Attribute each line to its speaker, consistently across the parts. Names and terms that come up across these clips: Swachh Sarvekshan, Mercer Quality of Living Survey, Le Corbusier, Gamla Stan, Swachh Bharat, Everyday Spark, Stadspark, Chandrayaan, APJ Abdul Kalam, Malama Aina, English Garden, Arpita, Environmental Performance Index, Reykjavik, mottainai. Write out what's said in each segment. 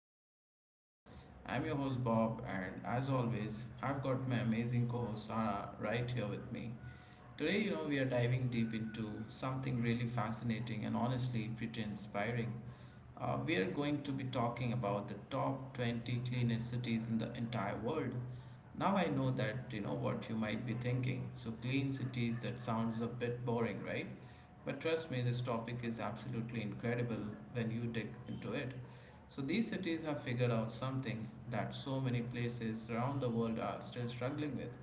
Speaker 1: of our podcast. I'm your host Bob, and as always, I've got my amazing co host Sarah right here with me. Today, we are diving deep into something really fascinating and honestly pretty inspiring. We are going to be talking about the top 20 cleanest cities in the entire world. Now I know that what you might be thinking. So clean cities that sounds a bit boring, right? But trust me, this topic is absolutely incredible when you dig into it. So, these cities have figured out something that so many places around the world are still struggling with.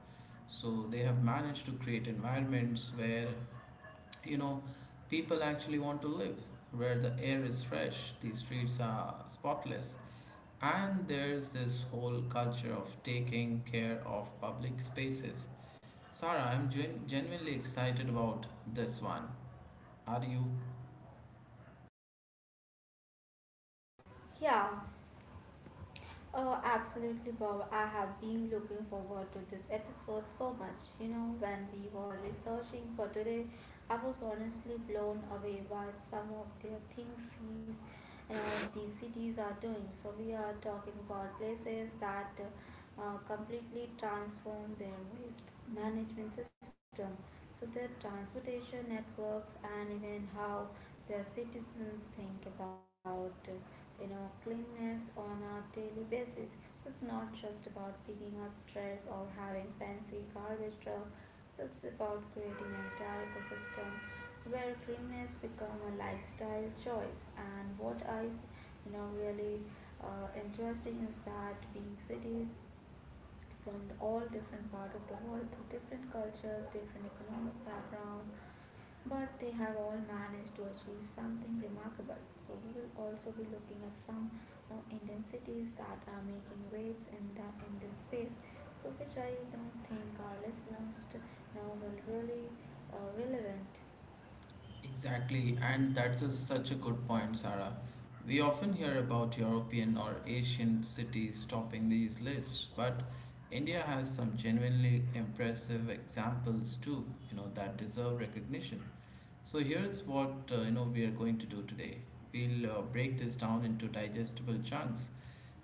Speaker 1: So, they have managed to create environments where, you know, people actually want to live, where the air is fresh, the streets are spotless, and there's this whole culture of taking care of public spaces. Sarah, I'm genuinely excited about this one. Are you?
Speaker 2: Yeah. Oh, absolutely, Bob. I have been looking forward to this episode so much. You know, when we were researching for today, I was honestly blown away by some of the things these cities are doing. So, we are talking about places that completely transform their waste management system. So, their transportation networks and even how their citizens think about, cleanliness on a daily basis. So it's not just about picking up trash or having fancy garbage trucks. So it's about creating an entire ecosystem where cleanliness become a lifestyle choice. And what I really interesting is that big cities from all different part of the world, so different cultures, different economic background, but they have all managed to achieve something remarkable. So we will also be looking at some Indian cities that are making waves in that in this space. So which I don't think our now will really relevant.
Speaker 1: Exactly, and that's a, such a good point, Sarah. We often hear about European or Asian cities topping these lists, but India has some genuinely impressive examples too, that deserve recognition. So here's what we are going to do today. We'll break this down into digestible chunks.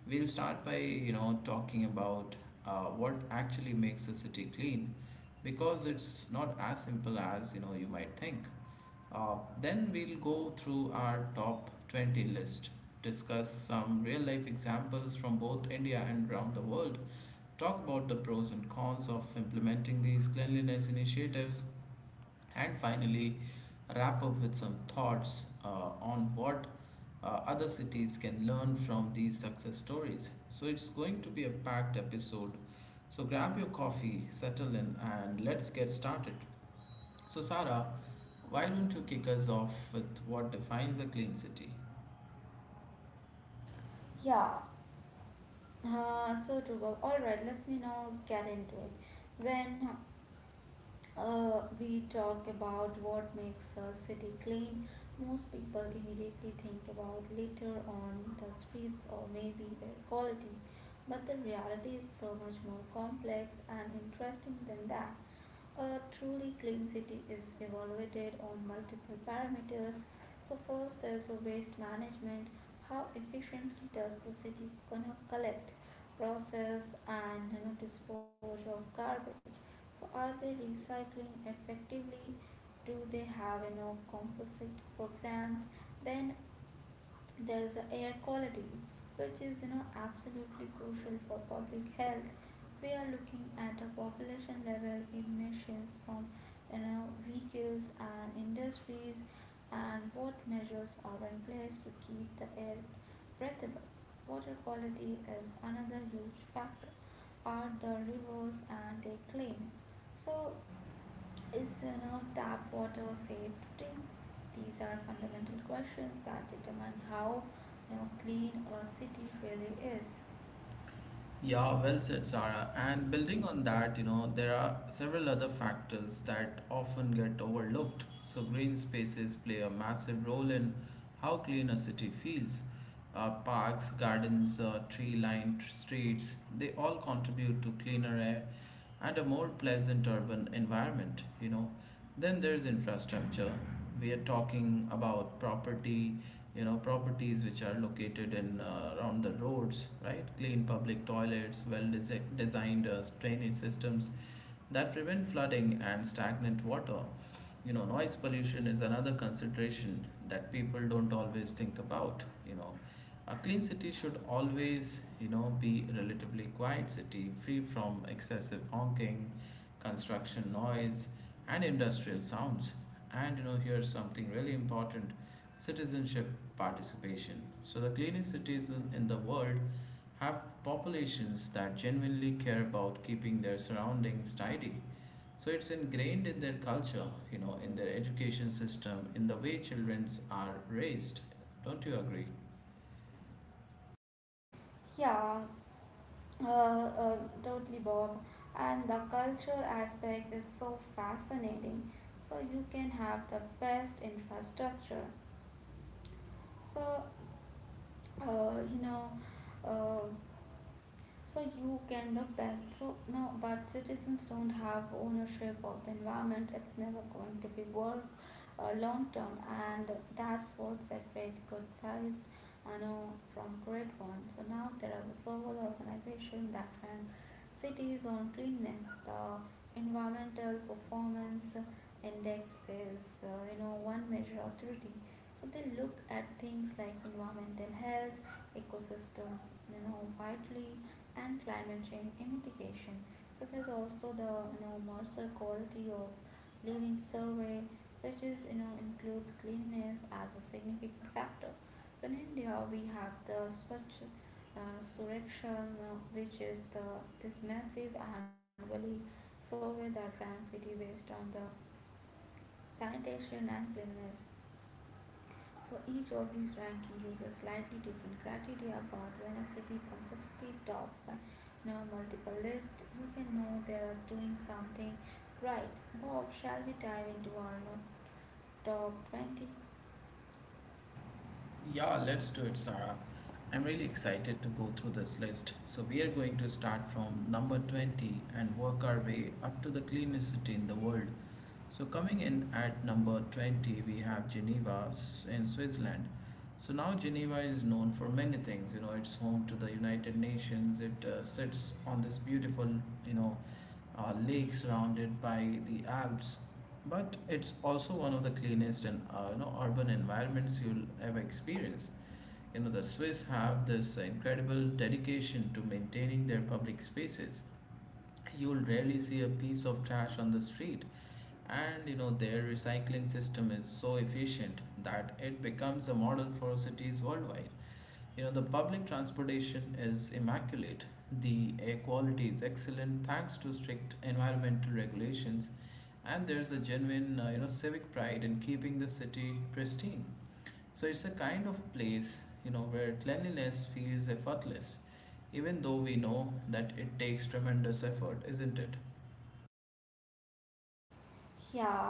Speaker 1: We'll start by talking about what actually makes a city clean, because it's not as simple as you might think. Then we'll go through our top 20 list, discuss some real life examples from both India and around the world, talk about the pros and cons of implementing these cleanliness initiatives, and finally wrap up with some thoughts on what other cities can learn from these success stories. So it's going to be a packed episode. So grab your coffee, settle in, and let's get started. So, Sarah, why don't you kick us off with what defines a clean city?
Speaker 2: Yeah. So true. All right. Let me now get into it. When we talk about what makes a city clean. Most people immediately think about litter on the streets or maybe air quality, but the reality is so much more complex and interesting than that. A truly clean city is evaluated on multiple parameters. So, first there's the waste management. How efficiently does the city gonna collect, process, and dispose of garbage? So, are they recycling effectively? Do they have enough composite programs? Then there is a air quality, which is absolutely crucial for public health. We are looking at a population level emissions from vehicles and industries, and what measures are in place to keep the air breathable. Water quality is another huge factor. Are the rivers and they clean? So is, tap water safe to drink? These are fundamental questions that determine how, clean a city really is.
Speaker 1: Yeah, well said, Sarah. And building on that, there are several other factors that often get overlooked. So, green spaces play a massive role in how clean a city feels. Parks, gardens, tree lined streets, they all contribute to cleaner air and A more pleasant urban environment. Then there's infrastructure. We are talking about properties which are located in around the roads, right? Clean public toilets, well designed drainage systems that prevent flooding and stagnant water. Noise pollution is another consideration that people don't always think about, you know. A clean city should always, be a relatively quiet city, free from excessive honking, construction noise, and industrial sounds. And here's something really important: citizenship participation. So the cleanest cities in the world have populations that genuinely care about keeping their surroundings tidy. So it's ingrained in their culture, in their education system, in the way children are raised. Don't you agree?
Speaker 2: Yeah, uh, uh, totally, Bob. And the cultural aspect is so fascinating. So you can have the best infrastructure. So, uh, you know, uh, so you can the best so now, but citizens don't have ownership of the environment. It's never going to be worth long term, and that's what separates good size, I know, from great ones. So now there are the several organizations that rank cities on cleanness. The environmental performance index is one measure of dirty. So they look at things like environmental health, ecosystem, widely, and climate change and mitigation. So there's also the, Mercer quality of living survey, which is, includes cleanliness as a significant factor. In India, we have the Swachh Surakshan, which is the this massive annually survey that ranks city based on the sanitation and cleanliness. So each of these ranking uses slightly different criteria, but when a city consistently top now multiple list, you can know they are doing something right. Bob, shall we dive into our top 20?
Speaker 1: Yeah, let's do it, Sarah. I'm really excited to go through this list. So, we are going to start from number 20 and work our way up to the cleanest city in the world. So, coming in at number 20, we have in Switzerland. So, now Geneva is known for many things. You know, it's home to the United Nations, it sits on this beautiful, you know, lake surrounded by the Alps, but it's also one of the cleanest and urban environments you'll ever experience. The Swiss have this incredible dedication to maintaining their public spaces. You'll rarely see a piece of trash on the street, and their recycling system is so efficient that it becomes a model for cities worldwide. The public transportation is immaculate. The air quality is excellent thanks to strict environmental regulations, and there's a genuine civic pride in keeping the city pristine. So it's a kind of place, where cleanliness feels effortless, even though we know that it takes tremendous effort, isn't it?
Speaker 2: Yeah.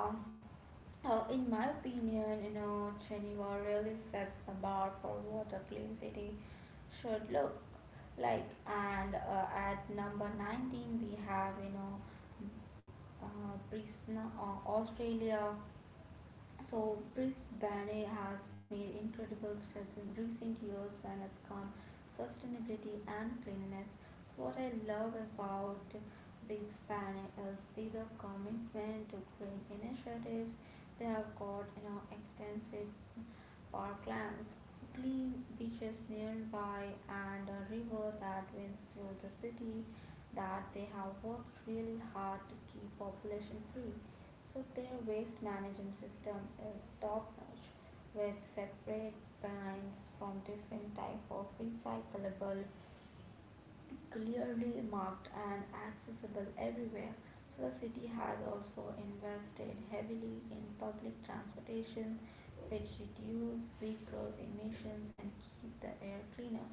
Speaker 2: In my opinion, you know, Geneva really sets the bar for what a clean city should look like. And at number 19, we have, Brisbane, Australia. So Brisbane has made incredible strides in recent years when it's come sustainability and cleanliness. What I love about Brisbane is their commitment to green initiatives. They have got extensive parklands, clean beaches nearby, and a river that winds through the city that they have worked really hard to keep population free. So their waste management system is top notch, with separate bins from different type of recyclable clearly marked and accessible everywhere. So the city has also invested heavily in public transportations, which reduce vehicle emissions and keep the air cleaner.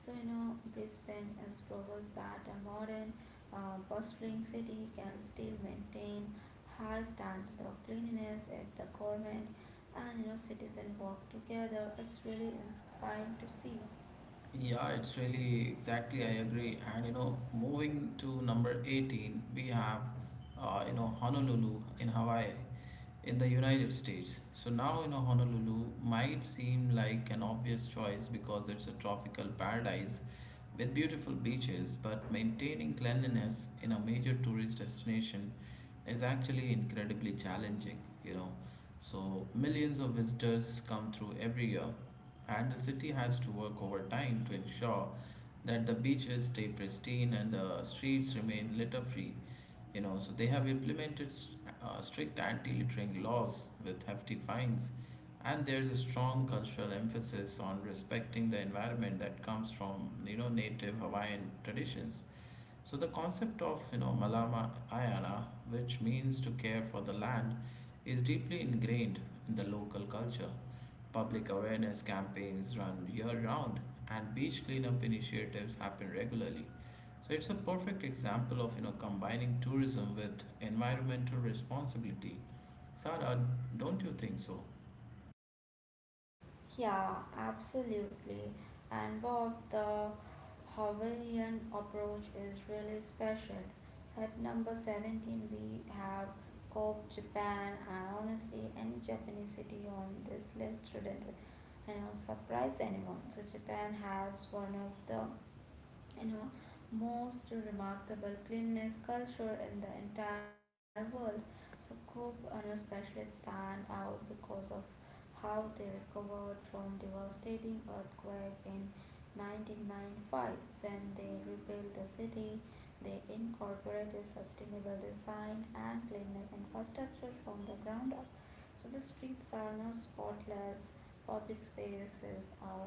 Speaker 2: So you know Brisbane is proves that a modern bustling city can still maintain high standards of cleanliness if the government and citizen work together. It's really inspiring to see.
Speaker 1: Yeah, it's really exactly, I agree. And moving to number 18, we have, Honolulu in Hawaii, in the United States. So now, Honolulu might seem like an obvious choice because it's a tropical paradise with beautiful beaches, but maintaining cleanliness in a major tourist destination is actually incredibly challenging, you know. So millions of visitors come through every year and the city has to work overtime to ensure that the beaches stay pristine and the streets remain litter free. So they have implemented strict anti-littering laws with hefty fines, and there's a strong cultural emphasis on respecting the environment that comes from native Hawaiian traditions. So the concept of Malama Ayana, which means to care for the land, is deeply ingrained in the local culture. Public awareness campaigns run year round and beach cleanup initiatives happen regularly. So it's a perfect example of combining tourism with environmental responsibility. Sara, don't you think so?
Speaker 2: Yeah, absolutely. And Bob, the Hawaiian approach is really special. At number 17, we have Kobe, Japan, and honestly, any Japanese city on this list shouldn't, surprise anyone. So Japan has one of the, you know, most remarkable cleanliness culture in the entire world. So Kobe, especially stand out because of how they recovered from devastating earthquake in 1995. When they rebuilt the city, they incorporated sustainable design and cleanliness infrastructure from the ground up. So the streets are not spotless, public spaces are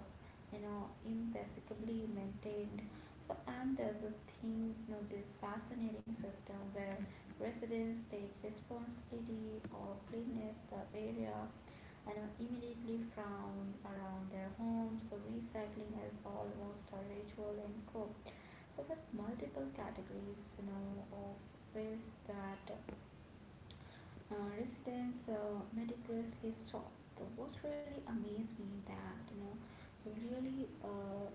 Speaker 2: impeccably maintained. So and there's this thing, you know, this fascinating system where residents take responsibility of cleanliness the area and immediately found around their homes. So recycling is almost a ritual in cope. So with multiple categories, of waste that residents meticulously sort. So what really amazed me that you know you really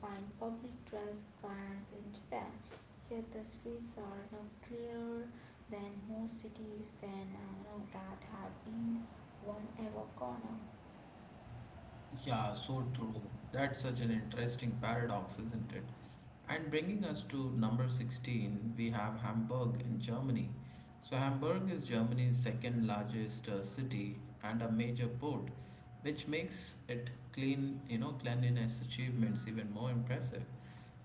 Speaker 2: find public trash cans in Japan. Here the streets are, clearer than most cities than, that have been one ever corner.
Speaker 1: Yeah, so true. That's such an interesting paradox, isn't it? And bringing us to number 16, we have Hamburg in Germany. So, Hamburg is Germany's second largest city and a major port, which makes it clean, cleanliness achievements even more impressive.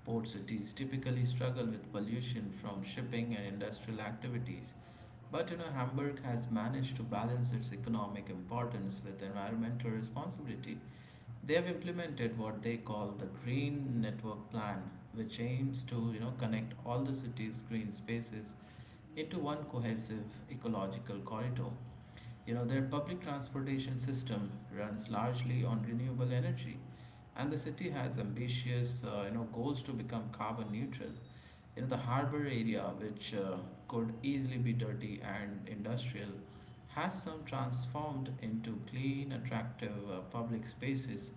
Speaker 1: Port cities typically struggle with pollution from shipping and industrial activities, but Hamburg has managed to balance its economic importance with environmental responsibility. They have implemented what they call the Green Network Plan, which aims to connect all the city's green spaces into one cohesive ecological corridor. Their public transportation system runs largely on renewable energy, and the city has ambitious goals to become carbon neutral. The harbor area, which could easily be dirty and industrial, has some transformed into clean, attractive public spaces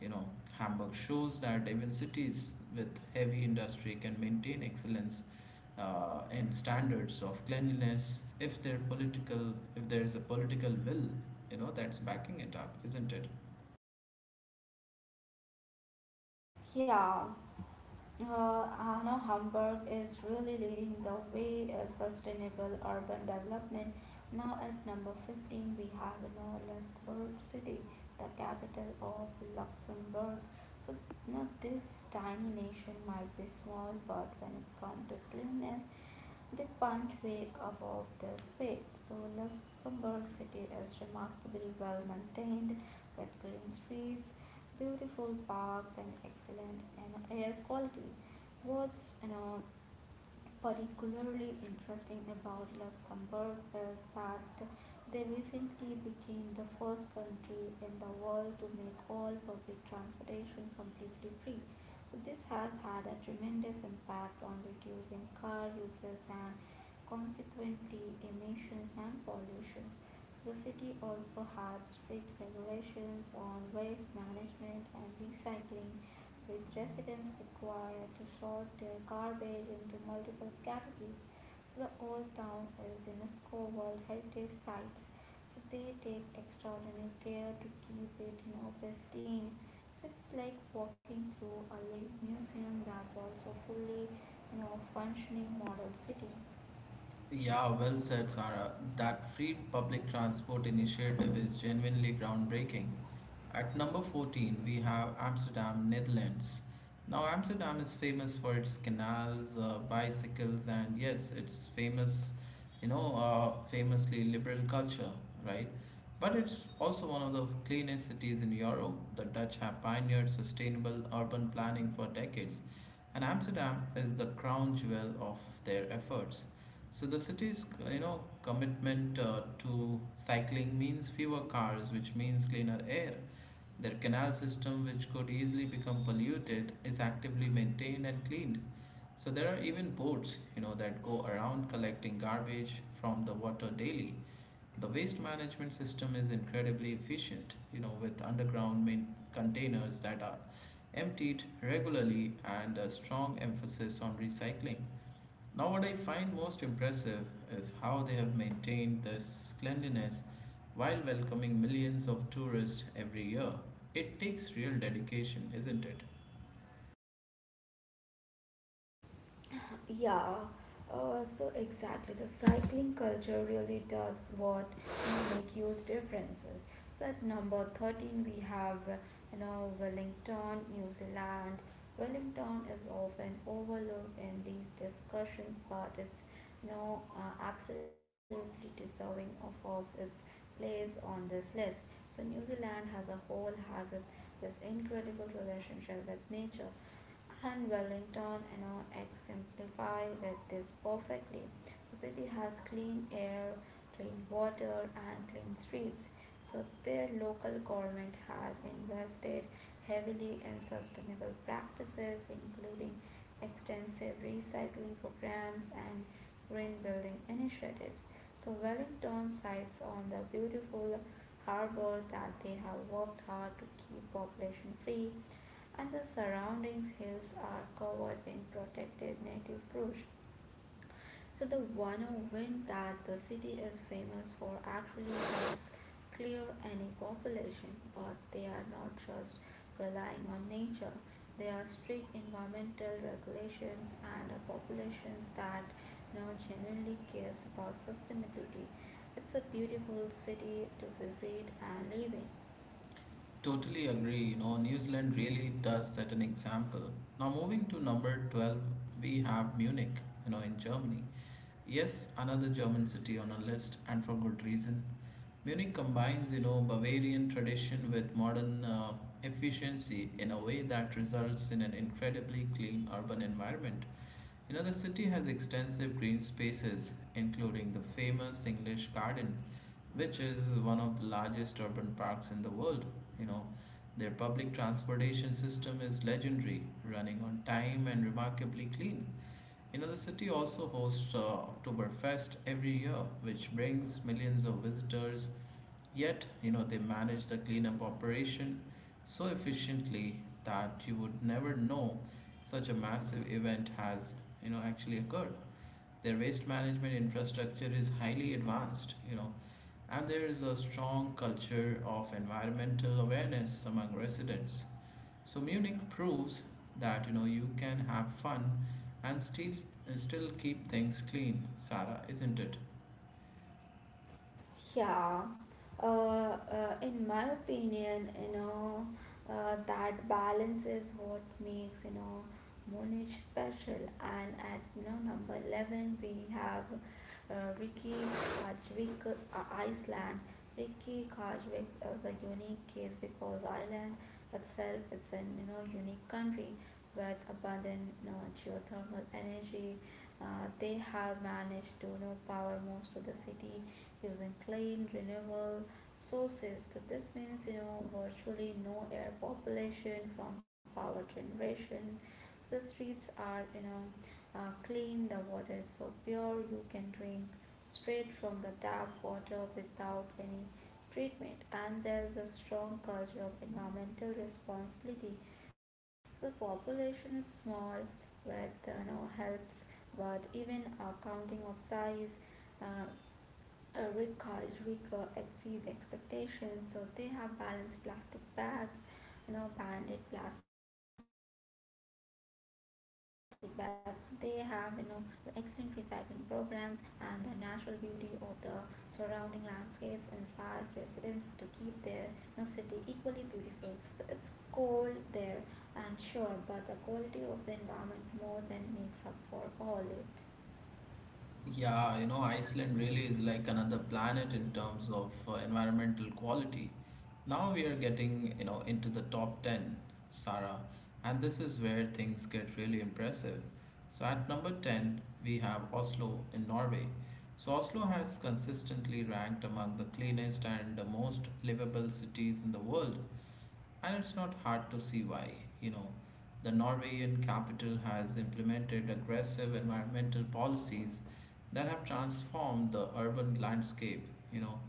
Speaker 1: you know, Hamburg shows that even cities with heavy industry can maintain excellence in standards of cleanliness if their political, if there is a political will, that's backing it up, isn't it?
Speaker 2: Yeah, Anna Hamburg is really leading the way in sustainable urban development. Now at number 15, we have Norilsk City, the capital of Luxembourg. So now this tiny nation might be small, but when it's come to cleanness, they punch way above their weight. So Luxembourg City is remarkably well maintained with clean streets, beautiful parks and excellent and air quality. What's particularly interesting about Luxembourg is that they recently became the first country in the world to make all public transportation completely free. So this has had a tremendous impact on reducing car usage and consequently emissions and pollution. So the city also had strict regulations on waste management and recycling with residents required to sort their garbage into multiple categories. So the old town is UNESCO World Heritage Sites. So they take extraordinary care to keep it in pristine. So it's like walking through a living museum that's also fully, functioning model city.
Speaker 1: Yeah, well said, Sarah. That free public transport initiative is genuinely groundbreaking. At number 14, we have Amsterdam, Netherlands. Now, Amsterdam is famous for its canals, bicycles, and yes, it's famous, famously liberal culture, right? But it's also one of the cleanest cities in Europe. The Dutch have pioneered sustainable urban planning for decades, and Amsterdam is the crown jewel of their efforts. So the city's commitment to cycling means fewer cars, which means cleaner air. Their canal system, which could easily become polluted, is actively maintained and cleaned. So there are even boats, that go around collecting garbage from the water daily. The waste management system is incredibly efficient, with underground main containers that are emptied regularly and a strong emphasis on recycling. Now, what I find most impressive is how they have maintained this cleanliness while welcoming millions of tourists every year. It takes real dedication, isn't it?
Speaker 2: Yeah, so exactly. The cycling culture really does what can make huge differences. So at number 13, we have, Wellington, New Zealand. Wellington is often overlooked in these discussions, but it's, absolutely deserving of its place on this list. So New Zealand as a whole has this incredible relationship with nature, and Wellington you know exemplify with this perfectly. The city has clean air, clean water and clean streets. So their local government has invested heavily in sustainable practices including extensive recycling programs and green building initiatives. So Wellington sites on the beautiful harbor that they have worked hard to keep population free, and the surrounding hills are covered in protected native bush. So the 100 wind that the city is famous for actually helps clear any population, but they are not just relying on nature. There are strict environmental regulations and a populations that now genuinely cares about sustainability. It's a beautiful city to visit and live in.
Speaker 1: Totally agree. You know, New Zealand really does set an example. Now, moving to number 12, we have Munich, in Germany. Yes, another German city on our list, and for good reason. Munich combines, Bavarian tradition with modern efficiency in a way that results in an incredibly clean urban environment. The city has extensive green spaces, including the famous English Garden, which is one of the largest urban parks in the world. You know, their public transportation system is legendary, running on time and remarkably clean. The city also hosts Oktoberfest every year, which brings millions of visitors. Yet, they manage the cleanup operation so efficiently that you would never know such a massive event has, actually occurred. Their waste management infrastructure is highly advanced, and there is a strong culture of environmental awareness among residents. So Munich proves that you can have fun and still keep things clean, Sarah, isn't it?
Speaker 2: Yeah, in my opinion, that balance is what makes, Munich special. And at, number 11, we have uh, Ricky Kajvik, Iceland. Ricky Kajvik is a unique case because Iceland itself is an, unique country with abundant, geothermal energy. They have managed to, power most of the city using clean, renewable sources. So this means you know virtually no air population from power generation. So the streets are, clean. The water is so pure you can drink straight from the tap water without any treatment. And there is a strong culture of environmental responsibility. The population is small, but you know helps, but even a counting of size uh, recall rigor exceed expectations. So they have balanced plastic bags, banded plastic bags. So they have, the excellent recycling programs and the natural beauty of the surrounding landscapes inspires residents to keep their, city equally beautiful. So it's cold there and sure, but the quality of the environment more than makes up for all it.
Speaker 1: Yeah, Iceland really is like another planet in terms of environmental quality. Now we are getting, into the top 10, Sarah, and this is where things get really impressive. So at number 10, we have Oslo in Norway. So Oslo has consistently ranked among the cleanest and the most livable cities in the world. And it's not hard to see why, you know. The Norwegian capital has implemented aggressive environmental policies that have transformed the urban landscape. You know,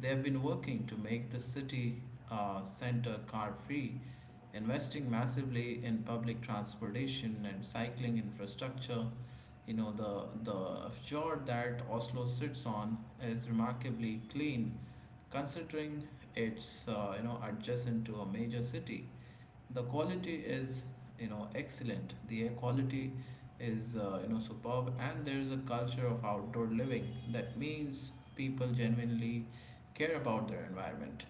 Speaker 1: they have been working to make the city center car free, investing massively in public transportation and cycling infrastructure. You know, the fjord that Oslo sits on is remarkably clean considering it's adjacent to a major city. The quality is, you know, excellent. The air quality is, you know, superb, and there is a culture of outdoor living that means people genuinely care about their environment.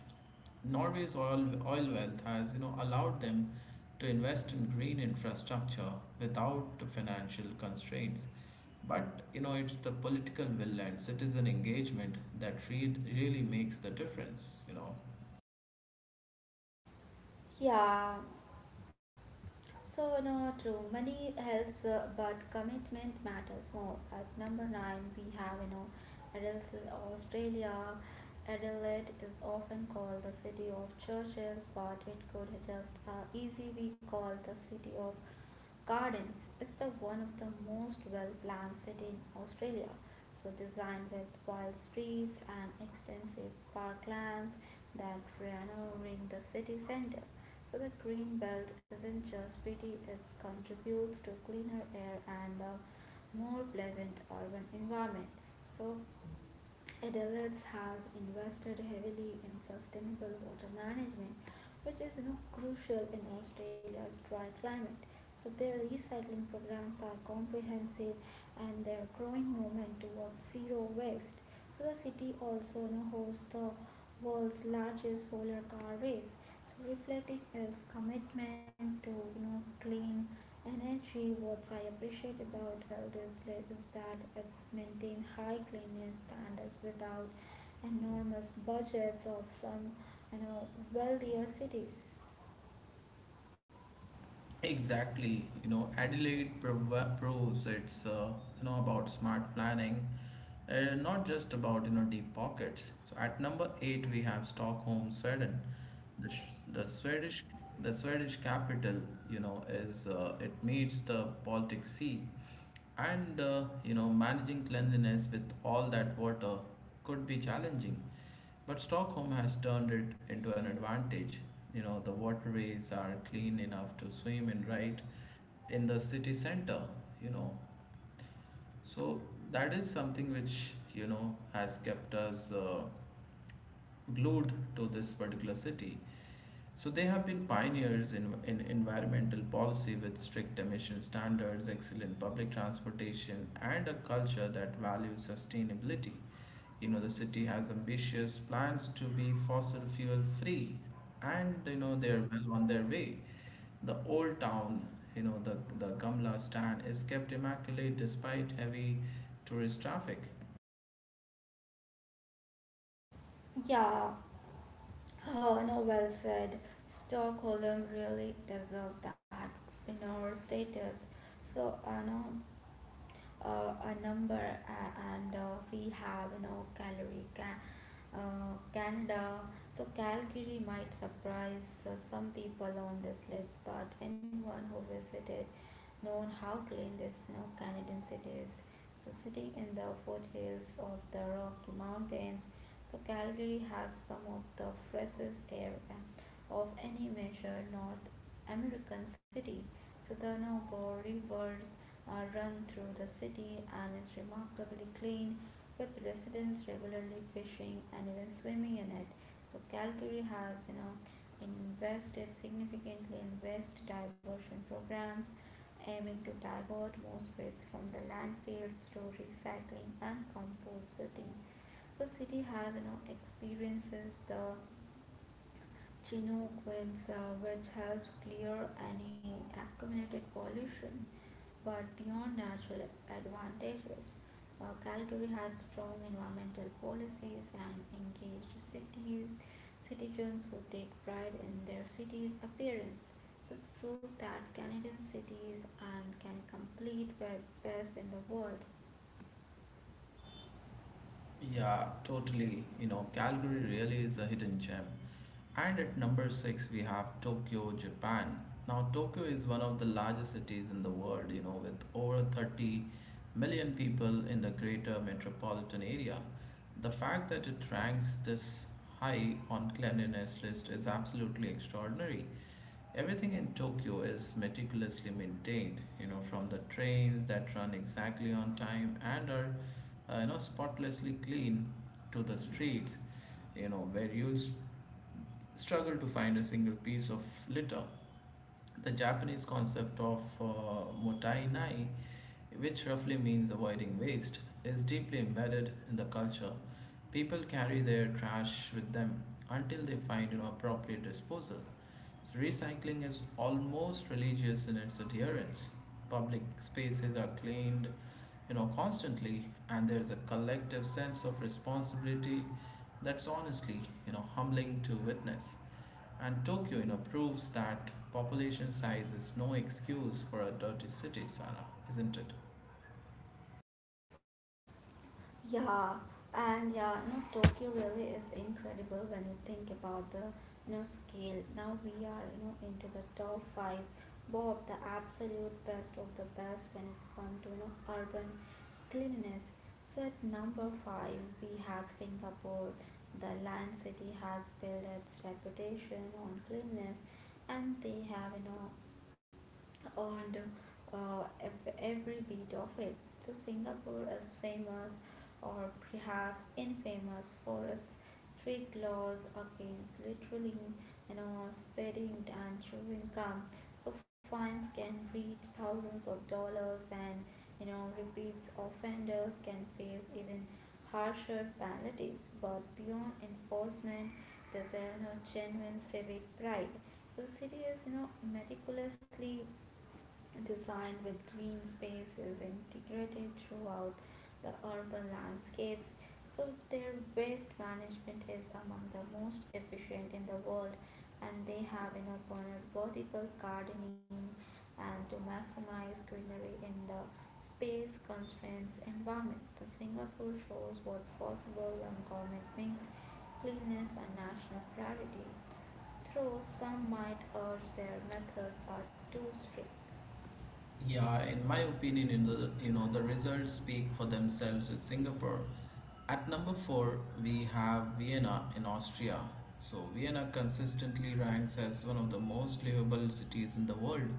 Speaker 1: Norway's oil wealth has, you know, allowed them to invest in green infrastructure without financial constraints. But you know, it's the political will and citizen engagement that really makes the difference.
Speaker 2: Yeah. So, no, true. Money helps, but commitment matters more. At number nine, we have, Adelaide, Australia. Adelaide is often called the city of churches, but it could just easily be called the city of gardens. It's the one of the most well-planned city in Australia. So, designed with wild streets and extensive parklands that ran ring the city center. So the green belt isn't just pretty, it contributes to cleaner air and a more pleasant urban environment. So Adelaide's has invested heavily in sustainable water management, which is, crucial in Australia's dry climate. So their recycling programs are comprehensive and their growing movement towards zero waste. So the city also hosts the world's largest solar car race, reflecting its commitment to clean. And actually, what I appreciate about health is that it's maintained high cleanliness standards without enormous budgets of some, you know, wealthier cities.
Speaker 1: Exactly. You know, Adelaide proves it's you know, about smart planning, not just about, you know, deep pockets. So at number eight we have Stockholm, Sweden. The, sh- the Swedish the Swedish capital, you know, is, it meets the Baltic Sea, and you know, managing cleanliness with all that water could be challenging, but Stockholm has turned it into an advantage. You know, the waterways are clean enough to swim in right in the city center, you know. So that is something which, you know, has kept us, glued to this particular city. So they have been pioneers in environmental policy with strict emission standards, excellent public transportation, and a culture that values sustainability. You know, the city has ambitious plans to be fossil fuel free, and you know, they're well on their way. The old town, you know, the Gamla stand is kept immaculate despite heavy tourist traffic.
Speaker 2: Yeah. Oh, no, well said. Stockholm really deserved that winner status. So, I know, a number, and we have Calgary, Canada. So Calgary might surprise some people on this list, but anyone who visited known how clean this, you know, Canadian city is. So sitting in the foothills of the Rocky Mountains, so Calgary has some of the freshest air of any major North American city. So the Noble rivers run through the city and is remarkably clean, with residents regularly fishing and even swimming in it. So Calgary has, you know, invested significantly in waste diversion programs, aiming to divert most waste from the landfills through recycling and composting. So city has, you know, experiences the Chinook winds, which helps clear any accumulated pollution. But beyond natural advantages, Calgary has strong environmental policies and engaged cities, citizens who take pride in their city's appearance. So it's proof that Canadian cities and can compete with best in the world.
Speaker 1: Yeah, totally. You know, Calgary really is a hidden gem. And at number six, we have Tokyo, Japan. Now, Tokyo is one of the largest cities in the world, you know, with over 30 million people in the greater metropolitan area. The fact that it ranks this high on cleanliness list is absolutely extraordinary. Everything in Tokyo is meticulously maintained, you know, from the trains that run exactly on time and are, you know, spotlessly clean to the streets, you know, where you'll struggle to find a single piece of litter. The Japanese concept of motai nai, which roughly means avoiding waste, is deeply embedded in the culture. People carry their trash with them until they find an appropriate disposal. So recycling is almost religious in its adherence. Public spaces are cleaned, you know, constantly, and there's a collective sense of responsibility that's honestly, you know, humbling to witness. And Tokyo, you know, proves that population size is no excuse for a dirty city, Sarah, isn't it?
Speaker 2: Yeah, and yeah, you know, Tokyo really is incredible when you think about the, you know, scale. Now we are, you know, into the top five, both the absolute best of the best when it's come to, you know, urban cleanliness. So at number five we have Singapore. The land city has built its reputation on cleanliness, and they have you know and uh, every beat of it. So Singapore is famous or perhaps infamous for its strict laws against littering, you know, speeding and chewing gum. So fines can reach thousands of dollars and, you know, repeat offenders can face even harsher penalties. But beyond enforcement there's a, you know, genuine civic pride. So the city is, you know, meticulously designed with green spaces integrated throughout the urban landscapes. So their waste management is among the most efficient in the world and they have incorporated vertical gardening and to maximize greenery in the space constraints environment. The Singapore shows what's possible and government makes cleanliness a national priority. Though some might urge their methods are too strict.
Speaker 1: Yeah, in my opinion, in the, you know, the results speak for themselves with Singapore. At number four, we have Vienna in Austria. So, Vienna consistently ranks as one of the most livable cities in the world,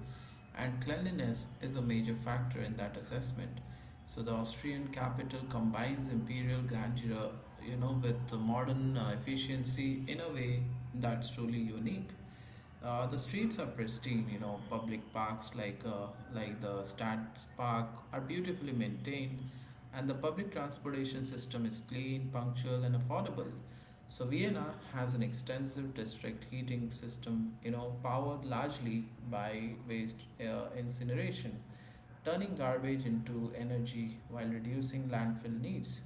Speaker 1: and cleanliness is a major factor in that assessment. So, the Austrian capital combines imperial grandeur, you know, with the modern, efficiency in a way that's truly unique. The streets are pristine, you know, public parks like the Stadspark are beautifully maintained, and the public transportation system is clean, punctual, and affordable. So Vienna has an extensive district heating system, you know, powered largely by waste, incineration, turning garbage into energy while reducing landfill needs.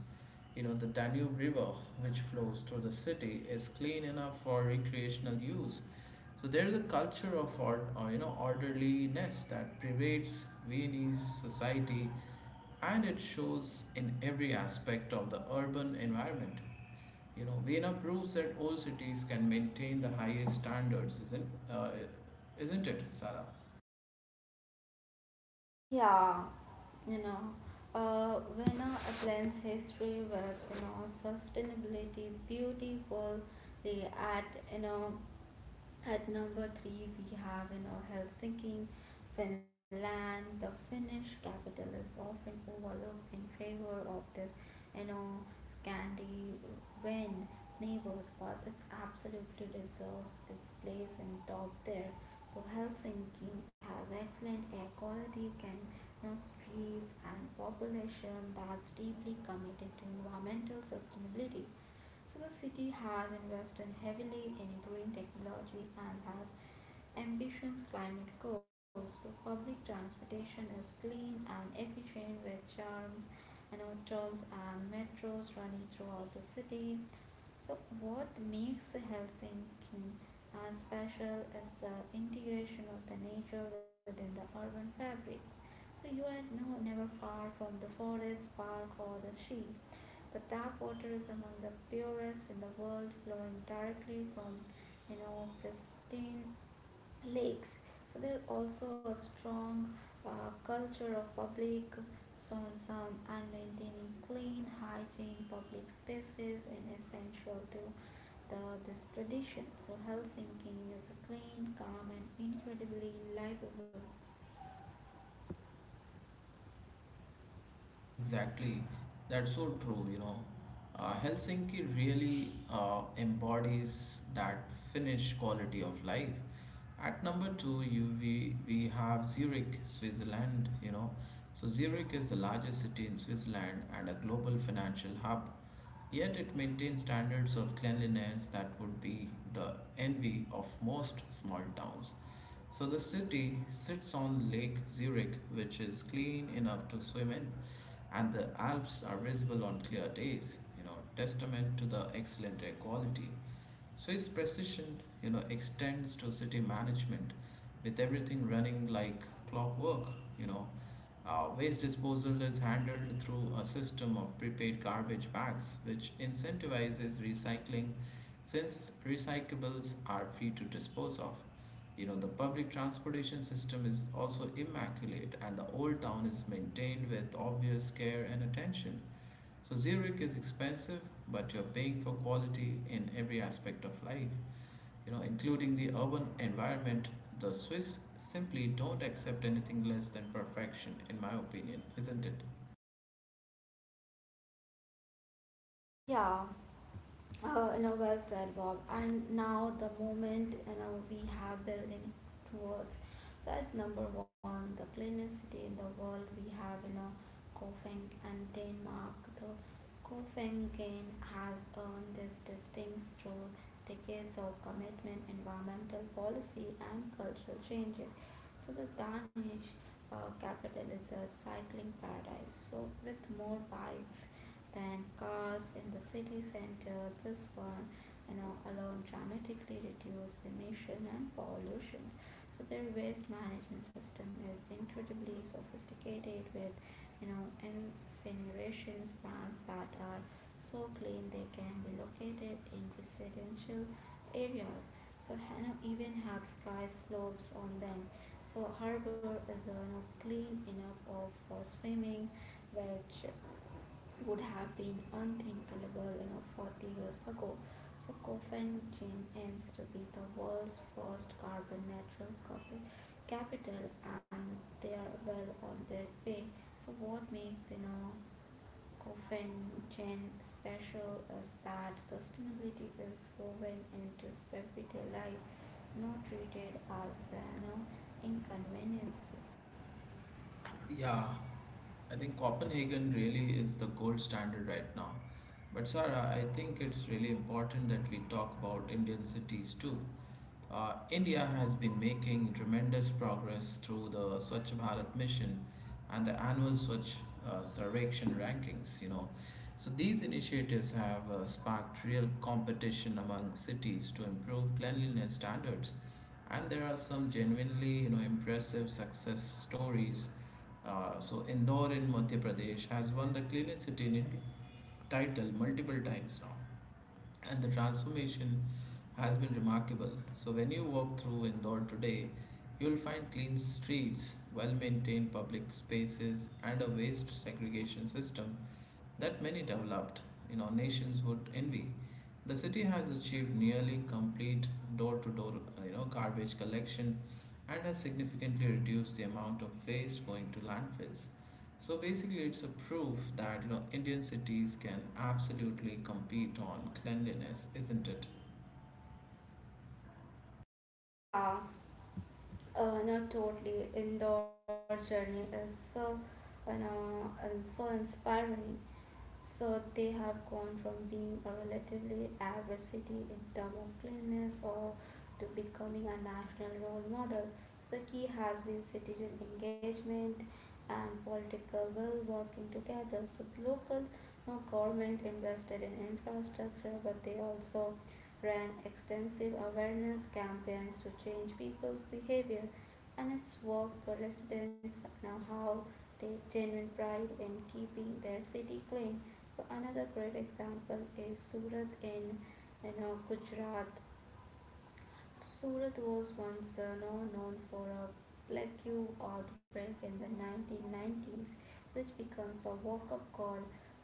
Speaker 1: You know, the Danube River, which flows through the city, is clean enough for recreational use. So there is a culture of ord- or you know orderliness that pervades Viennese society, and it shows in every aspect of the urban environment. You know, Vienna proves that old cities can maintain the highest standards, isn't it, Sarah?
Speaker 2: Yeah, you know, when a blends history with, you know, sustainability beautifully at, you know number three, we have, you know, Helsinki, Finland. The Finnish capital is often overlooked in favor of this, you know, Scandinavian neighbors, but it absolutely deserves its place in top there. So Helsinki has excellent air quality, can, you know, streets and population that's deeply committed to environmental sustainability. So the city has invested heavily in green technology and has ambitious climate goals. So public transportation is clean and efficient with charms and trams and metros running throughout the city. So what makes Helsinki special is the integration of the nature within the urban fabric. So you are never far from the forest, park, or the sea. The tap water is among the purest in the world, flowing directly from, you know, pristine lakes. So there's also a strong culture of public consumption and maintaining clean, hygiene public spaces and essential to this tradition. So health thinking is a clean, calm, and incredibly livable.
Speaker 1: Exactly. That's so true, you know. Helsinki really embodies that Finnish quality of life. At number two, we have Zurich, Switzerland, you know. So Zurich is the largest city in Switzerland and a global financial hub. Yet it maintains standards of cleanliness that would be the envy of most small towns. So the city sits on Lake Zurich, which is clean enough to swim in, and the Alps are visible on clear days, you know, testament to the excellent air quality. Swiss precision, you know, extends to city management with everything running like clockwork, you know. Waste disposal is handled through a system of prepaid garbage bags, which incentivizes recycling since recyclables are free to dispose of. You know, the public transportation system is also immaculate, and the old town is maintained with obvious care and attention. So, Zurich is expensive, but you're paying for quality in every aspect of life, you know, including the urban environment. The Swiss simply don't accept anything less than perfection, in my opinion, isn't it?
Speaker 2: Yeah. No, well said, Bob. And now the moment, you know, we have building towards. So as number one, the cleanest city in the world, we have, you know, Copenhagen and Denmark. The Copenhagen has earned this distinct through decades of commitment, environmental policy, and cultural changes. So the Danish capital is a cycling paradise. So with more bikes than cars in the city center. This one, you know, alone dramatically reduce emission and pollution. So their waste management system is incredibly sophisticated with, you know, incineration plants that are so clean they can be located in residential areas. So Hano even have sky slopes on them. So harbor is, you know, clean enough of for swimming, which would have been unthinkable, you know, 40 years ago. So Copenhagen aims to be the world's first carbon capital, and they are well on their way. So what makes, you know, Copenhagen special is that sustainability is woven into everyday life, not treated as, you know, inconveniences.
Speaker 1: Yeah, I think Copenhagen really is the gold standard right now. But Sarah, I think it's really important that we talk about Indian cities too. India has been making tremendous progress through the Swachh Bharat mission and the annual Swachh, Sarvekshan rankings, you know. So these initiatives have sparked real competition among cities to improve cleanliness standards, and there are some genuinely, you know, impressive success stories. Uh, so Indore in Madhya Pradesh has won the cleanest city in India title multiple times now, and the transformation has been remarkable. So when you walk through Indore today, you'll find clean streets, well maintained public spaces, and a waste segregation system that many developed, you know, nations would envy. The city has achieved nearly complete door-to-door, you know, garbage collection and has significantly reduced the amount of waste going to landfills. So basically, it's a proof that you know Indian cities can absolutely compete on cleanliness, isn't it?
Speaker 2: Yeah. No, totally. Indoor journey is so, you know, and so inspiring. So they have gone from being a relatively average city in terms of cleanliness or to becoming a national role model. The key has been citizen engagement and political will working together. So the local, you know, government invested in infrastructure, but they also ran extensive awareness campaigns to change people's behavior and its work for residents now how take genuine pride in keeping their city clean. So another great example is Surat in, you know, Gujarat. Surat was once known for a plague outbreak in the 1990s, which becomes a wake up call.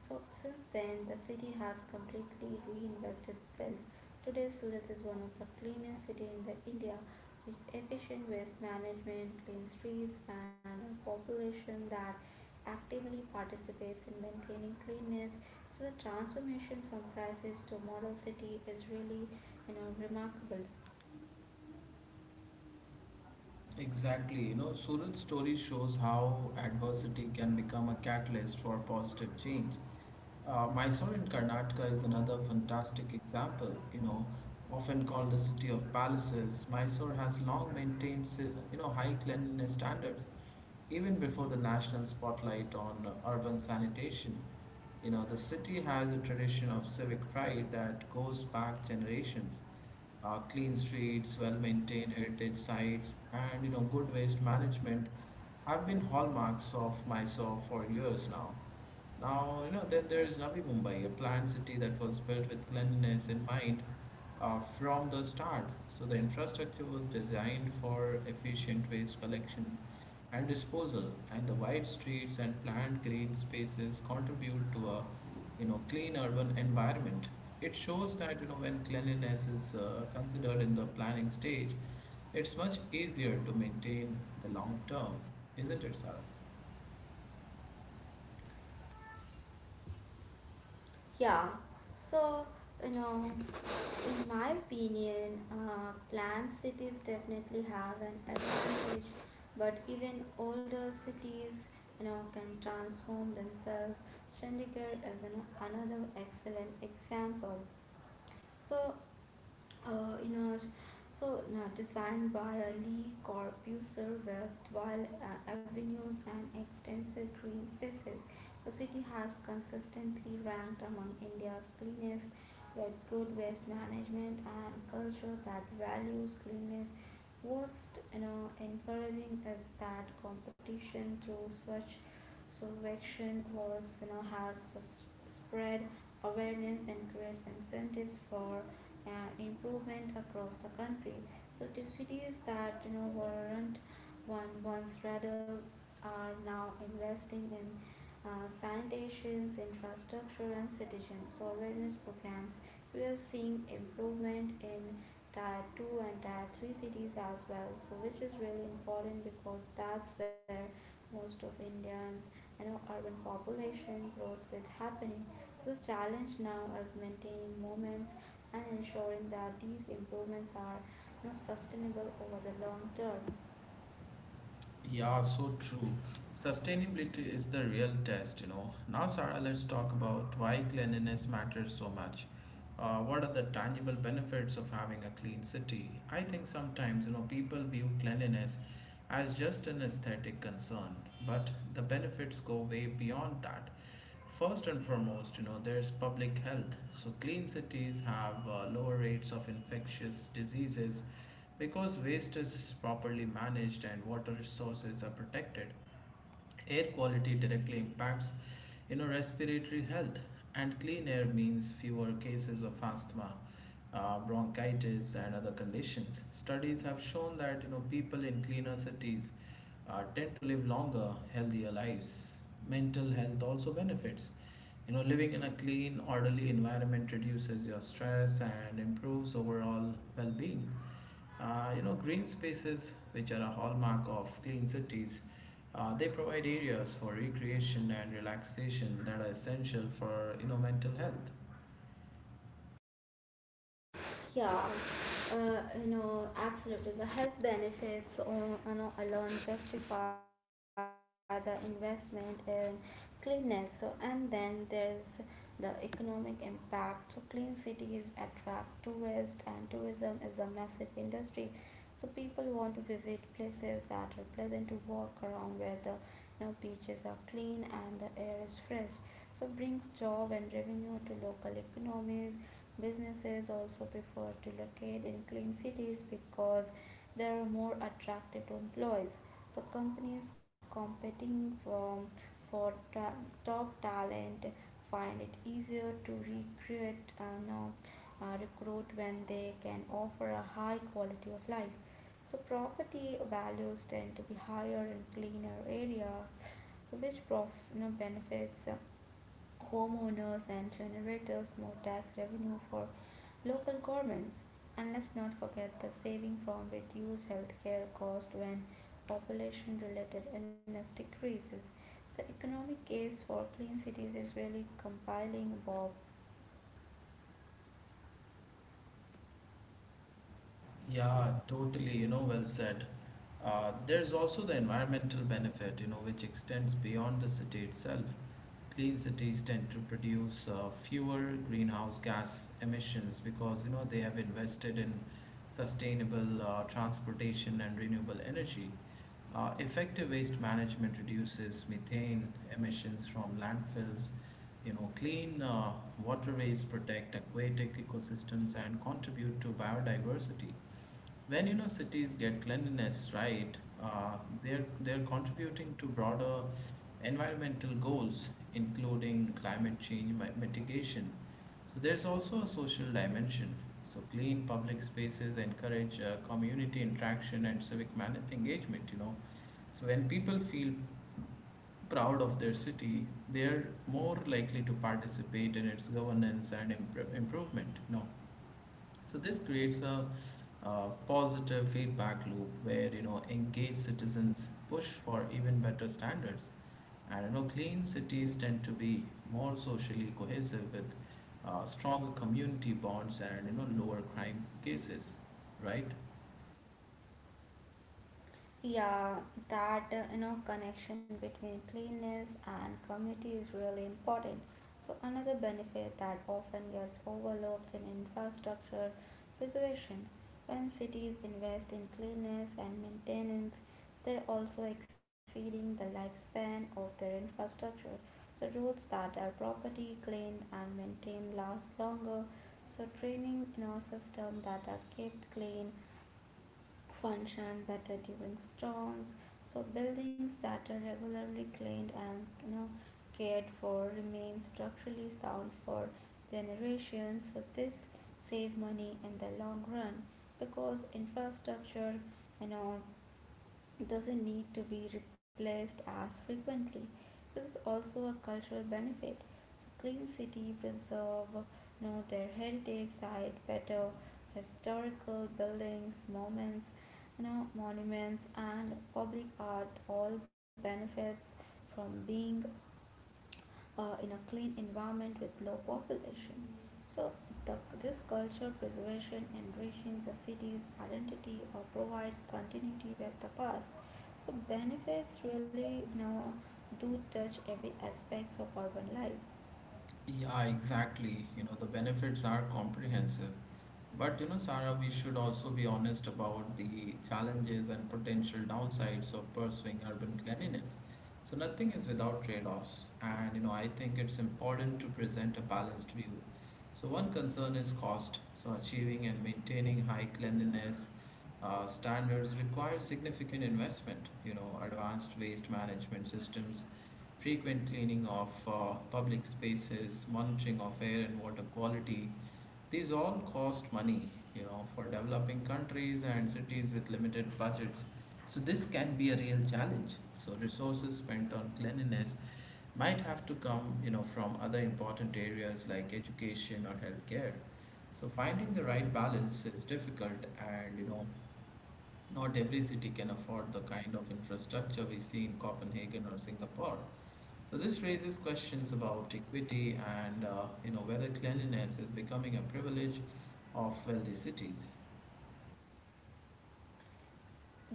Speaker 2: So, since then, the city has completely reinvested itself. Today, Surat is one of the cleanest cities in the India, with efficient waste management, clean streets, and a population that actively participates in maintaining cleanliness. So, the transformation from crisis to model city is really, you know, remarkable.
Speaker 1: Exactly. You know, Surat's story shows how adversity can become a catalyst for positive change. Mysore in Karnataka is another fantastic example. You know, often called the city of palaces, Mysore has long maintained, you know, high cleanliness standards, even before the national spotlight on urban sanitation. You know, the city has a tradition of civic pride that goes back generations. Clean streets, well-maintained heritage sites, and you know good waste management have been hallmarks of Mysore for years now. Now, you know, then there is Navi Mumbai, a planned city that was built with cleanliness in mind from the start. So the infrastructure was designed for efficient waste collection and disposal, and the wide streets and planned green spaces contribute to a, you know, clean urban environment. It shows that you know when cleanliness is, considered in the planning stage, it's much easier to maintain the long term, isn't it, Sarah?
Speaker 2: Yeah, so you know, in my opinion, planned cities definitely have an advantage, but even older cities, you know, can transform themselves. Chandigarh is another excellent example. So, uh, you know, now designed by a Lee Corbusier with wide avenues and extensive green spaces, the city has consistently ranked among India's cleanest with good waste management and culture that values cleanliness. What's, you know, encouraging is that competition through Swachh Sarvekshan was you know has spread awareness and create incentives for improvement across the country. So the cities that, you know, weren't one once rather are now investing in sanitations, infrastructure, and citizens awareness programs. So we are seeing improvement in tier two and tier three cities as well. So which is really important because that's where most of Indians, you know, urban population growth is happening. So, the challenge now is maintaining moments and ensuring that these improvements are, you know, sustainable over the long term.
Speaker 1: Yeah, so true. Sustainability is the real test, you know. Now, Sarah, let's talk about why cleanliness matters so much. What are the tangible benefits of having a clean city? I think sometimes, you know, people view cleanliness as just an aesthetic concern, but the benefits go way beyond that. First and foremost, you know, there's public health. So, clean cities have lower rates of infectious diseases because waste is properly managed and water resources are protected. Air quality directly impacts, you know, respiratory health, and clean air means fewer cases of asthma, bronchitis and other conditions. Studies have shown that you know people in cleaner cities tend to live longer, healthier lives. Mental health also benefits. You know, living in a clean, orderly environment reduces your stress and improves overall well-being. You know, green spaces, which are a hallmark of clean cities, they provide areas for recreation and relaxation that are essential for you know mental health.
Speaker 2: Yeah, you know, absolutely. The health benefits on, you know, alone justify the investment in cleanness. So, and then there's the economic impact. So, clean cities attract tourists, and tourism is a massive industry. So, people want to visit places that are pleasant to walk around, where the, you know, beaches are clean and the air is fresh. So, brings job and revenue to local economies. Businesses also prefer to locate in clean cities because they are more attractive to employees. So companies competing for, for ta- top talent find it easier to recruit, no, recruit when they can offer a high quality of life. So property values tend to be higher in cleaner areas, so which you know, benefits homeowners and generators more tax revenue for local governments. And let's not forget the saving from reduced healthcare costs when population related illness decreases. The economic case for clean cities is really compelling, Bob.
Speaker 1: Yeah, totally, you know, well said. There's also the environmental benefit, you know, which extends beyond the city itself. Clean cities tend to produce fewer greenhouse gas emissions because, you know, they have invested in sustainable, transportation and renewable energy. Effective waste management reduces methane emissions from landfills. You know, clean, waterways protect aquatic ecosystems and contribute to biodiversity. When you know cities get cleanliness right, they're contributing to broader environmental goals, including climate change mitigation. So there's also a social dimension. So clean public spaces encourage community interaction and civic engagement. You know, so when people feel proud of their city, they're more likely to participate in its governance and improvement. You know, so this creates a, positive feedback loop where you know engaged citizens push for even better standards, and you know clean cities tend to be more socially cohesive with, stronger community bonds and you know lower crime cases, right?
Speaker 2: Yeah, that you know connection between cleanliness and community is really important. So another benefit that often gets overlooked in infrastructure preservation. When cities invest in cleanliness and maintenance, they're also exceeding the lifespan of their infrastructure. So roads that are properly cleaned and maintained last longer. So training in our system that are kept clean function better during storms. So buildings that are regularly cleaned and, you know, cared for remain structurally sound for generations. So this save money in the long run because infrastructure, you know, doesn't need to be replaced as frequently. So this is also a cultural benefit. So clean city preserve, you know, their heritage site better, historical buildings, moments, you know, monuments and public art all benefits from being in a clean environment with low population. So the, this culture preservation enriching the city's identity or provide continuity with the past. So benefits really, you know, do touch every aspects of urban life.
Speaker 1: Yeah, exactly. You know, the benefits are comprehensive. But, you know, Sarah, we should also be honest about the challenges and potential downsides of pursuing urban cleanliness. So, nothing is without trade-offs. And, you know, I think it's important to present a balanced view. So one concern is cost. So achieving and maintaining high cleanliness standards requires significant investment. You know, advanced waste management systems, frequent cleaning of public spaces, monitoring of air and water quality, these all cost money, you know, for developing countries and cities with limited budgets. So this can be a real challenge. So resources spent on cleanliness might have to come, you know, from other important areas like education or healthcare. So finding the right balance is difficult and not every city can afford the kind of infrastructure we see in Copenhagen or Singapore. So this raises questions about equity and whether cleanliness is becoming a privilege of wealthy cities.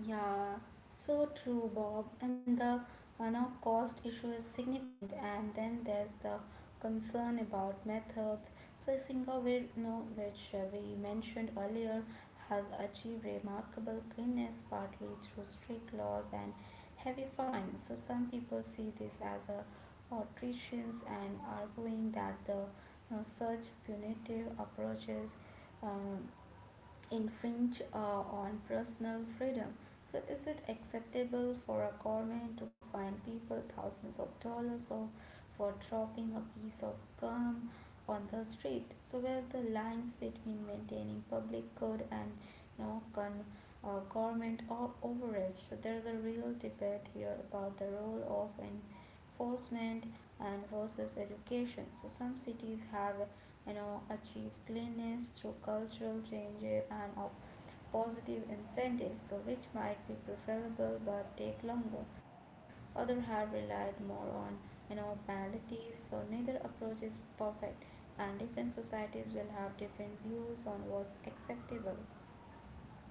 Speaker 2: Yeah, so true, Bob. And the, now cost issue is significant. And then there's the concern about methods. So Singapore, you know, which we mentioned earlier, has achieved remarkable cleanness partly through strict laws and heavy fines. So some people see this as a outrageous and arguing that the now, such punitive approaches um, infringe on personal freedom. So, is it acceptable for a government to fine people thousands of dollars or for dropping a piece of gum on the street? So, where the lines between maintaining public good and, you know, government or overreach? So, there is a real debate here about the role of enforcement and versus education. So some cities have, you know, achieved cleanliness through cultural change and of positive incentives, so which might be preferable but take longer. Other have relied more on penalties. So neither approach is perfect, and different societies will have different views on what's acceptable.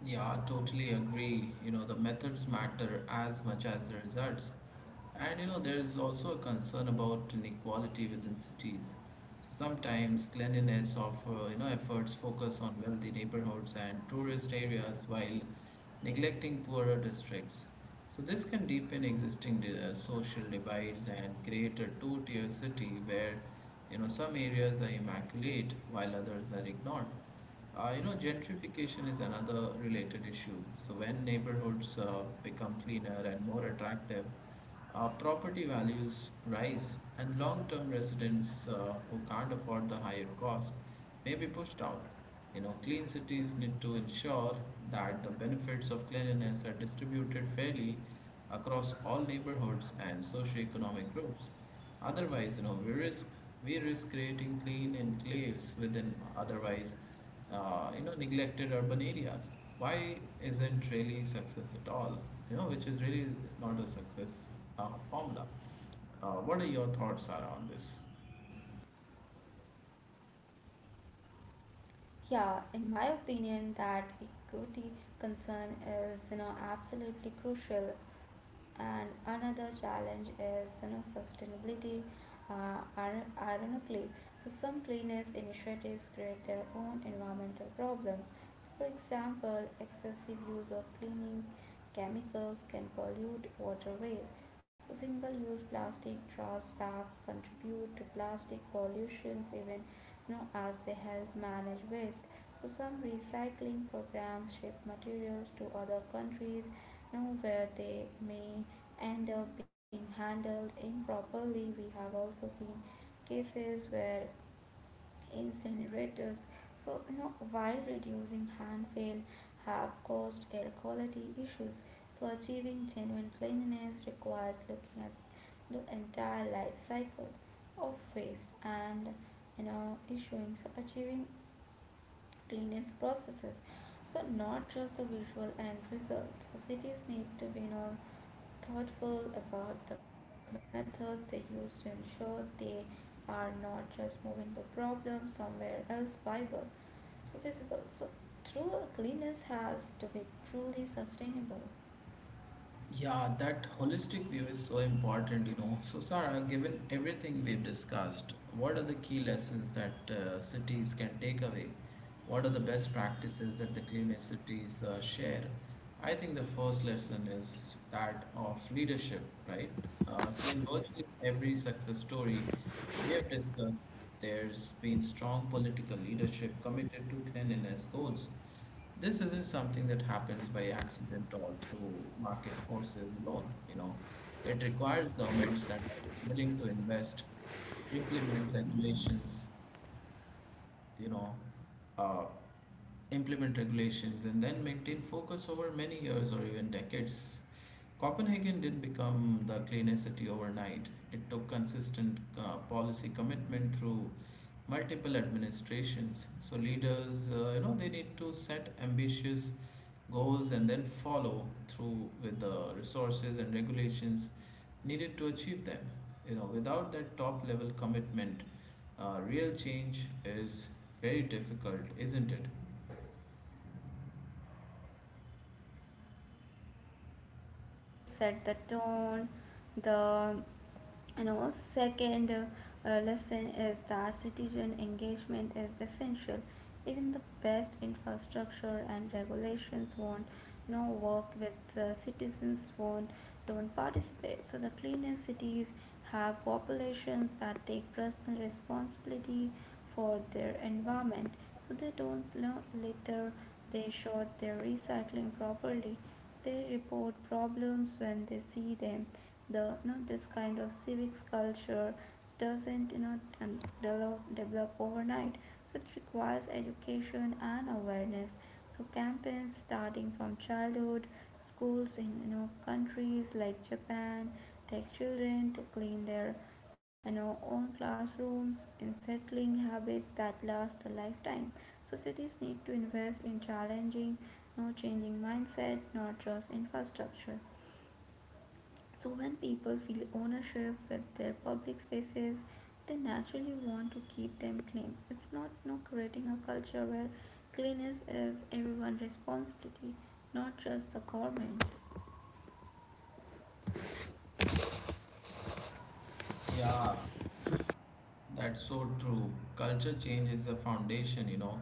Speaker 1: Yeah, I totally agree. The methods matter as much as the results. And there is also a concern about inequality within cities. So sometimes cleanliness of efforts focus on wealthy neighborhoods and tourist areas while neglecting poorer districts. So this can deepen existing social divides and create a two-tier city where some areas are immaculate while others are ignored. Gentrification is another related issue. So when neighborhoods become cleaner and more attractive, property values rise, and long-term residents who can't afford the higher cost may be pushed out. Clean cities need to ensure that the benefits of cleanliness are distributed fairly across all neighborhoods and socioeconomic groups. Otherwise, we risk creating clean enclaves within otherwise neglected urban areas. Why isn't really success at all? Which is really not a success formula. What are your thoughts around this?
Speaker 2: Yeah, in my opinion, that equity concern is absolutely crucial, and another challenge is sustainability, ironically. So some cleanliness initiatives create their own environmental problems. For example, excessive use of cleaning chemicals can pollute waterways. So single use plastic trash bags contribute to plastic pollutions even, as they help manage waste. So some recycling programs ship materials to other countries, know where they may end up being handled improperly. We have also seen cases where incinerators, while reducing landfill, have caused air quality issues. So achieving genuine cleanliness requires looking at the entire life cycle of waste, and issuing, so achieving cleanliness processes, so not just the visual end result. So cities need to be, thoughtful about the methods they use to ensure they are not just moving the problem somewhere else viable, so visible. So true cleanliness has to be truly sustainable.
Speaker 1: Yeah, that holistic view is so important. So, Sarah, given everything we've discussed, what are the key lessons that cities can take away? What are the best practices that the cleanest cities share? I think the first lesson is that of leadership, right? So, in virtually every success story we have discussed, there's been strong political leadership committed to cleanliness goals. This isn't something that happens by accident or through market forces alone. It requires governments that are willing to invest, implement you know, uh, regulations, and then maintain focus over many years or even decades. Copenhagen didn't become the cleanest city overnight. It took consistent policy commitment through multiple administrations. So leaders, they need to set ambitious goals and then follow through with the resources and regulations needed to achieve them. Without that top level commitment, real change is very difficult, isn't it?
Speaker 2: Trip set the tone, the second lesson is that citizen engagement is essential. Even the best infrastructure and regulations won't, work with citizens won't, don't participate. So the cleanest cities have populations that take personal responsibility for their environment. So they don't, litter. They sort their recycling properly. They report problems when they see them. The, this kind of civics culture doesn't, develop overnight. So it requires education and awareness. So campaigns starting from childhood, schools in countries like japan take children to clean their, own classrooms, in settling habits that last a lifetime. So cities need to invest in challenging, no changing mindset, not just infrastructure. So, when people feel ownership with their public spaces, they naturally want to keep them clean. It's not, creating a culture where cleanliness is everyone's responsibility, not just the government's.
Speaker 1: Yeah, that's so true. Culture change is the foundation.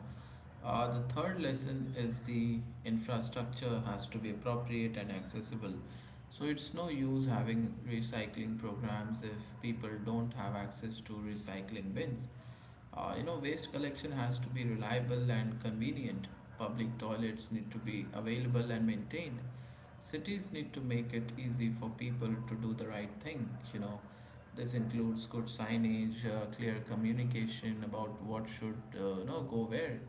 Speaker 1: The third lesson is the infrastructure has to be appropriate and accessible. So it's no use having recycling programs if people don't have access to recycling bins. Waste collection has to be reliable and convenient. Public toilets need to be available and maintained. Cities need to make it easy for people to do the right thing. This includes good signage, clear communication about what should go where,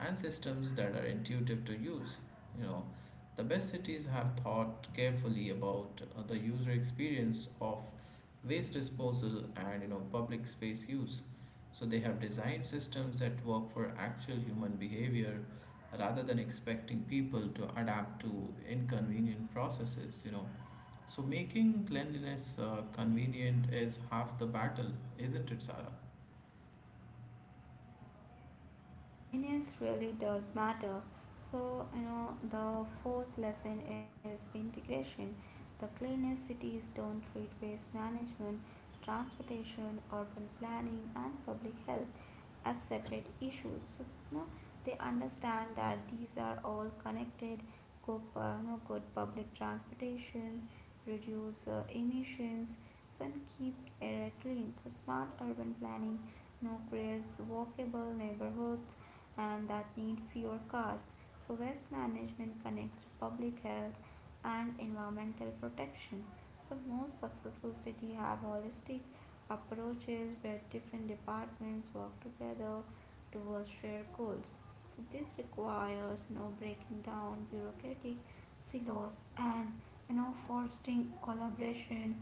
Speaker 1: and systems that are intuitive to use. You know, the best cities have thought carefully about the user experience of waste disposal and public space use. So they have designed systems that work for actual human behavior rather than expecting people to adapt to inconvenient processes. So making cleanliness convenient is half the battle, isn't it, Sarah?
Speaker 2: Convenience really does matter. So, the fourth lesson is integration. The cleanest cities don't treat waste management, transportation, urban planning, and public health as separate issues. So, you know, they understand that these are all connected. Go, good public transportations, reduce emissions, so, and keep air clean. So smart urban planning, creates walkable neighborhoods and that need fewer cars. So waste management connects to public health and environmental protection. The most successful cities have holistic approaches where different departments work together towards shared goals. So this requires no breaking down bureaucratic silos, and fostering collaboration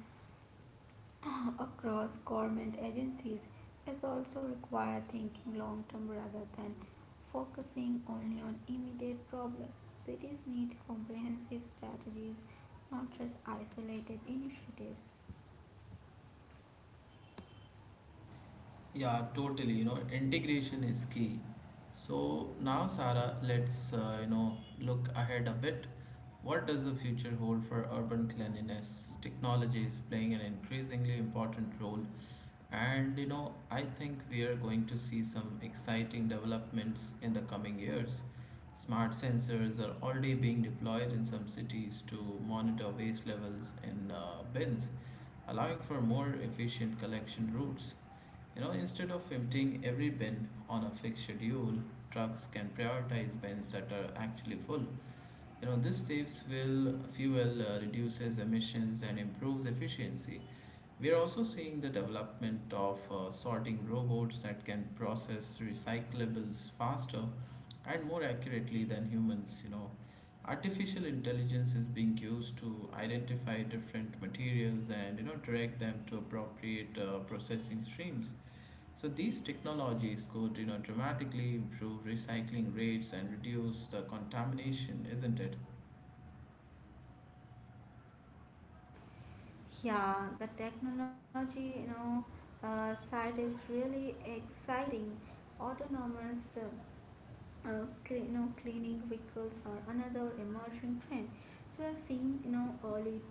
Speaker 2: across government agencies is also required, thinking long term rather than focusing only on immediate problems. So cities need comprehensive strategies, not just isolated initiatives.
Speaker 1: Yeah, totally. Integration is key. So now, Sarah, let's look ahead a bit. What does the future hold for urban cleanliness? Technology is playing an increasingly important role, and I think we are going to see some exciting developments in the coming years. Smart sensors are already being deployed in some cities to monitor waste levels in bins, allowing for more efficient collection routes. Instead of emptying every bin on a fixed schedule, trucks can prioritize bins that are actually full. This saves will fuel, reduces emissions, and improves efficiency. We are also seeing the development of sorting robots that can process recyclables faster and more accurately than humans. Artificial intelligence is being used to identify different materials and direct them to appropriate processing streams. So these technologies could, dramatically improve recycling rates and reduce the contamination, isn't it?
Speaker 2: Yeah, the technology, side is really exciting. Autonomous cleaning vehicles are another emerging trend. So we are seeing early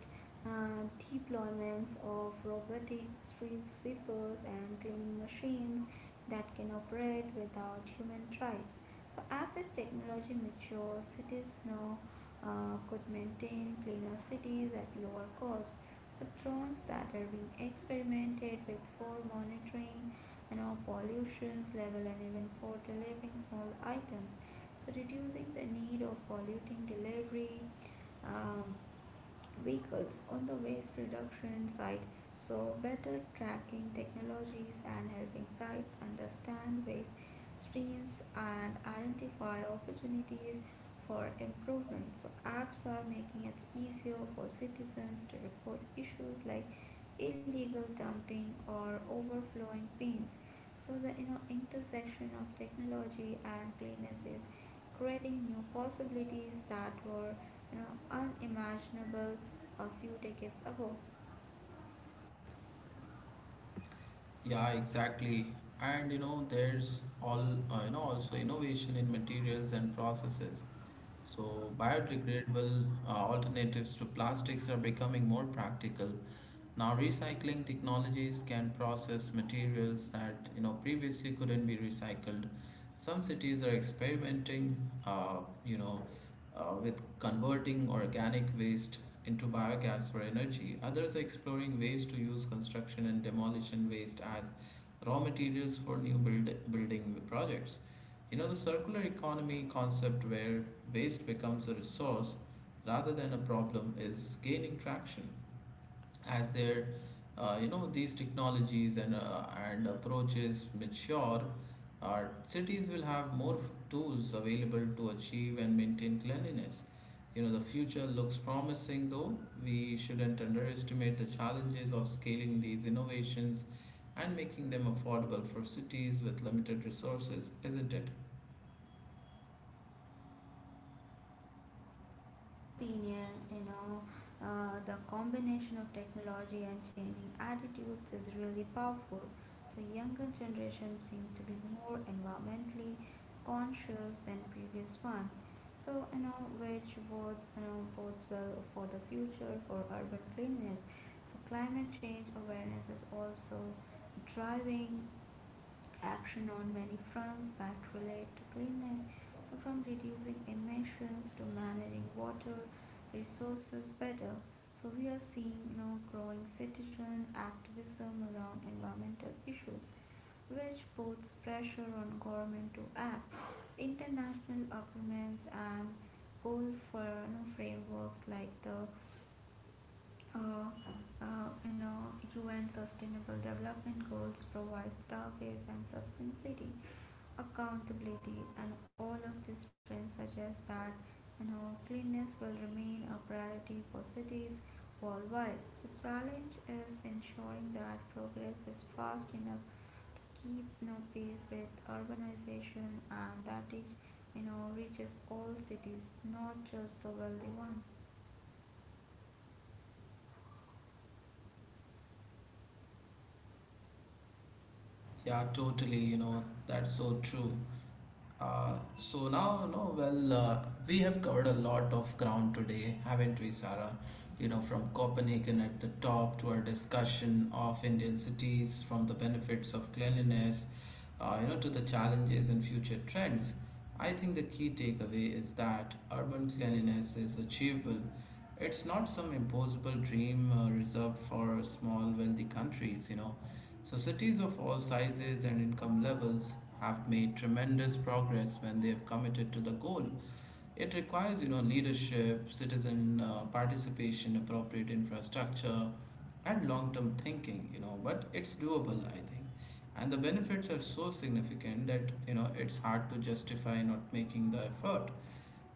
Speaker 2: deployments of robotic street sweepers and cleaning machines that can operate without human drives. So as the technology matures, cities now could maintain cleaner cities at lower cost. So drones that are being experimented with for monitoring and our pollutions level and even for delivering small items, so reducing the need of polluting delivery um, vehicles on the waste reduction side. So, better tracking technologies and helping sites understand waste streams and identify opportunities for improvement. So, apps are making it easier for citizens to report issues like illegal dumping or overflowing bins. So, the intersection of technology and cleanliness is creating new possibilities that were, unimaginable a few decades ago.
Speaker 1: Yeah, exactly. And there's all also innovation in materials and processes. So biodegradable alternatives to plastics are becoming more practical. Now, recycling technologies can process materials that previously couldn't be recycled. Some cities are experimenting, uh, you know, with converting organic waste into biogas for energy. Others are exploring ways to use construction and demolition waste as raw materials for building projects. The circular economy concept, where waste becomes a resource rather than a problem, is gaining traction as their you know these technologies and and approaches mature. Our cities will have more tools available to achieve and maintain cleanliness. The future looks promising, though we shouldn't underestimate the challenges of scaling these innovations and making them affordable for cities with limited resources, isn't it?
Speaker 2: In my opinion, the combination of technology and changing attitudes is really powerful. So younger generations seem to be more environmentally conscious than previous one. So which both bodes well for the future for urban cleanliness. So climate change awareness is also driving action on many fronts that relate to cleanliness. So, from reducing emissions to managing water resources better. So, we are seeing, growing citizen activism around environmental issues, which puts pressure on government to act. International agreements and goal for, frameworks like the uh, uh, you know UN Sustainable Development Goals provide targets and sustainability accountability, and all of these trends suggest that, cleanliness will remain a priority for cities worldwide. So challenge is ensuring that progress is fast enough to keep, pace with urbanization, and that it, reaches all cities, not just the wealthy one.
Speaker 1: Yeah, totally. That's so true. So now, no, well, We have covered a lot of ground today, haven't we, Sarah? From Copenhagen at the top to our discussion of Indian cities, from the benefits of cleanliness to the challenges and future trends, I think the key takeaway is that urban cleanliness is achievable. It's not some impossible dream reserved for small, wealthy countries. So cities of all sizes and income levels have made tremendous progress when they have committed to the goal. It requires, leadership, citizen participation, appropriate infrastructure, and long-term thinking. But it's doable, I think. And the benefits are so significant that it's hard to justify not making the effort.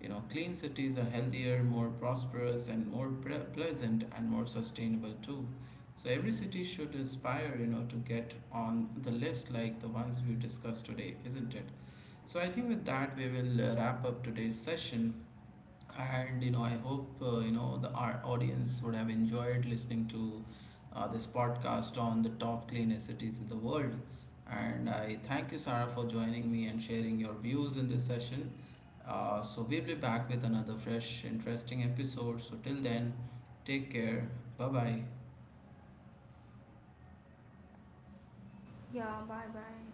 Speaker 1: Clean cities are healthier, more prosperous, and pleasant and more sustainable too. So every city should aspire, to get on the list like the ones we discussed today, isn't it? So I think with that we will wrap up today's session. And you know, I hope you know the our audience would have enjoyed listening to this podcast on the top cleanest cities in the world. And I thank you, Sarah, for joining me and sharing your views in this session. So we'll be back with another fresh, interesting episode. So till then, take care. Bye bye.
Speaker 2: Yeah, bye bye.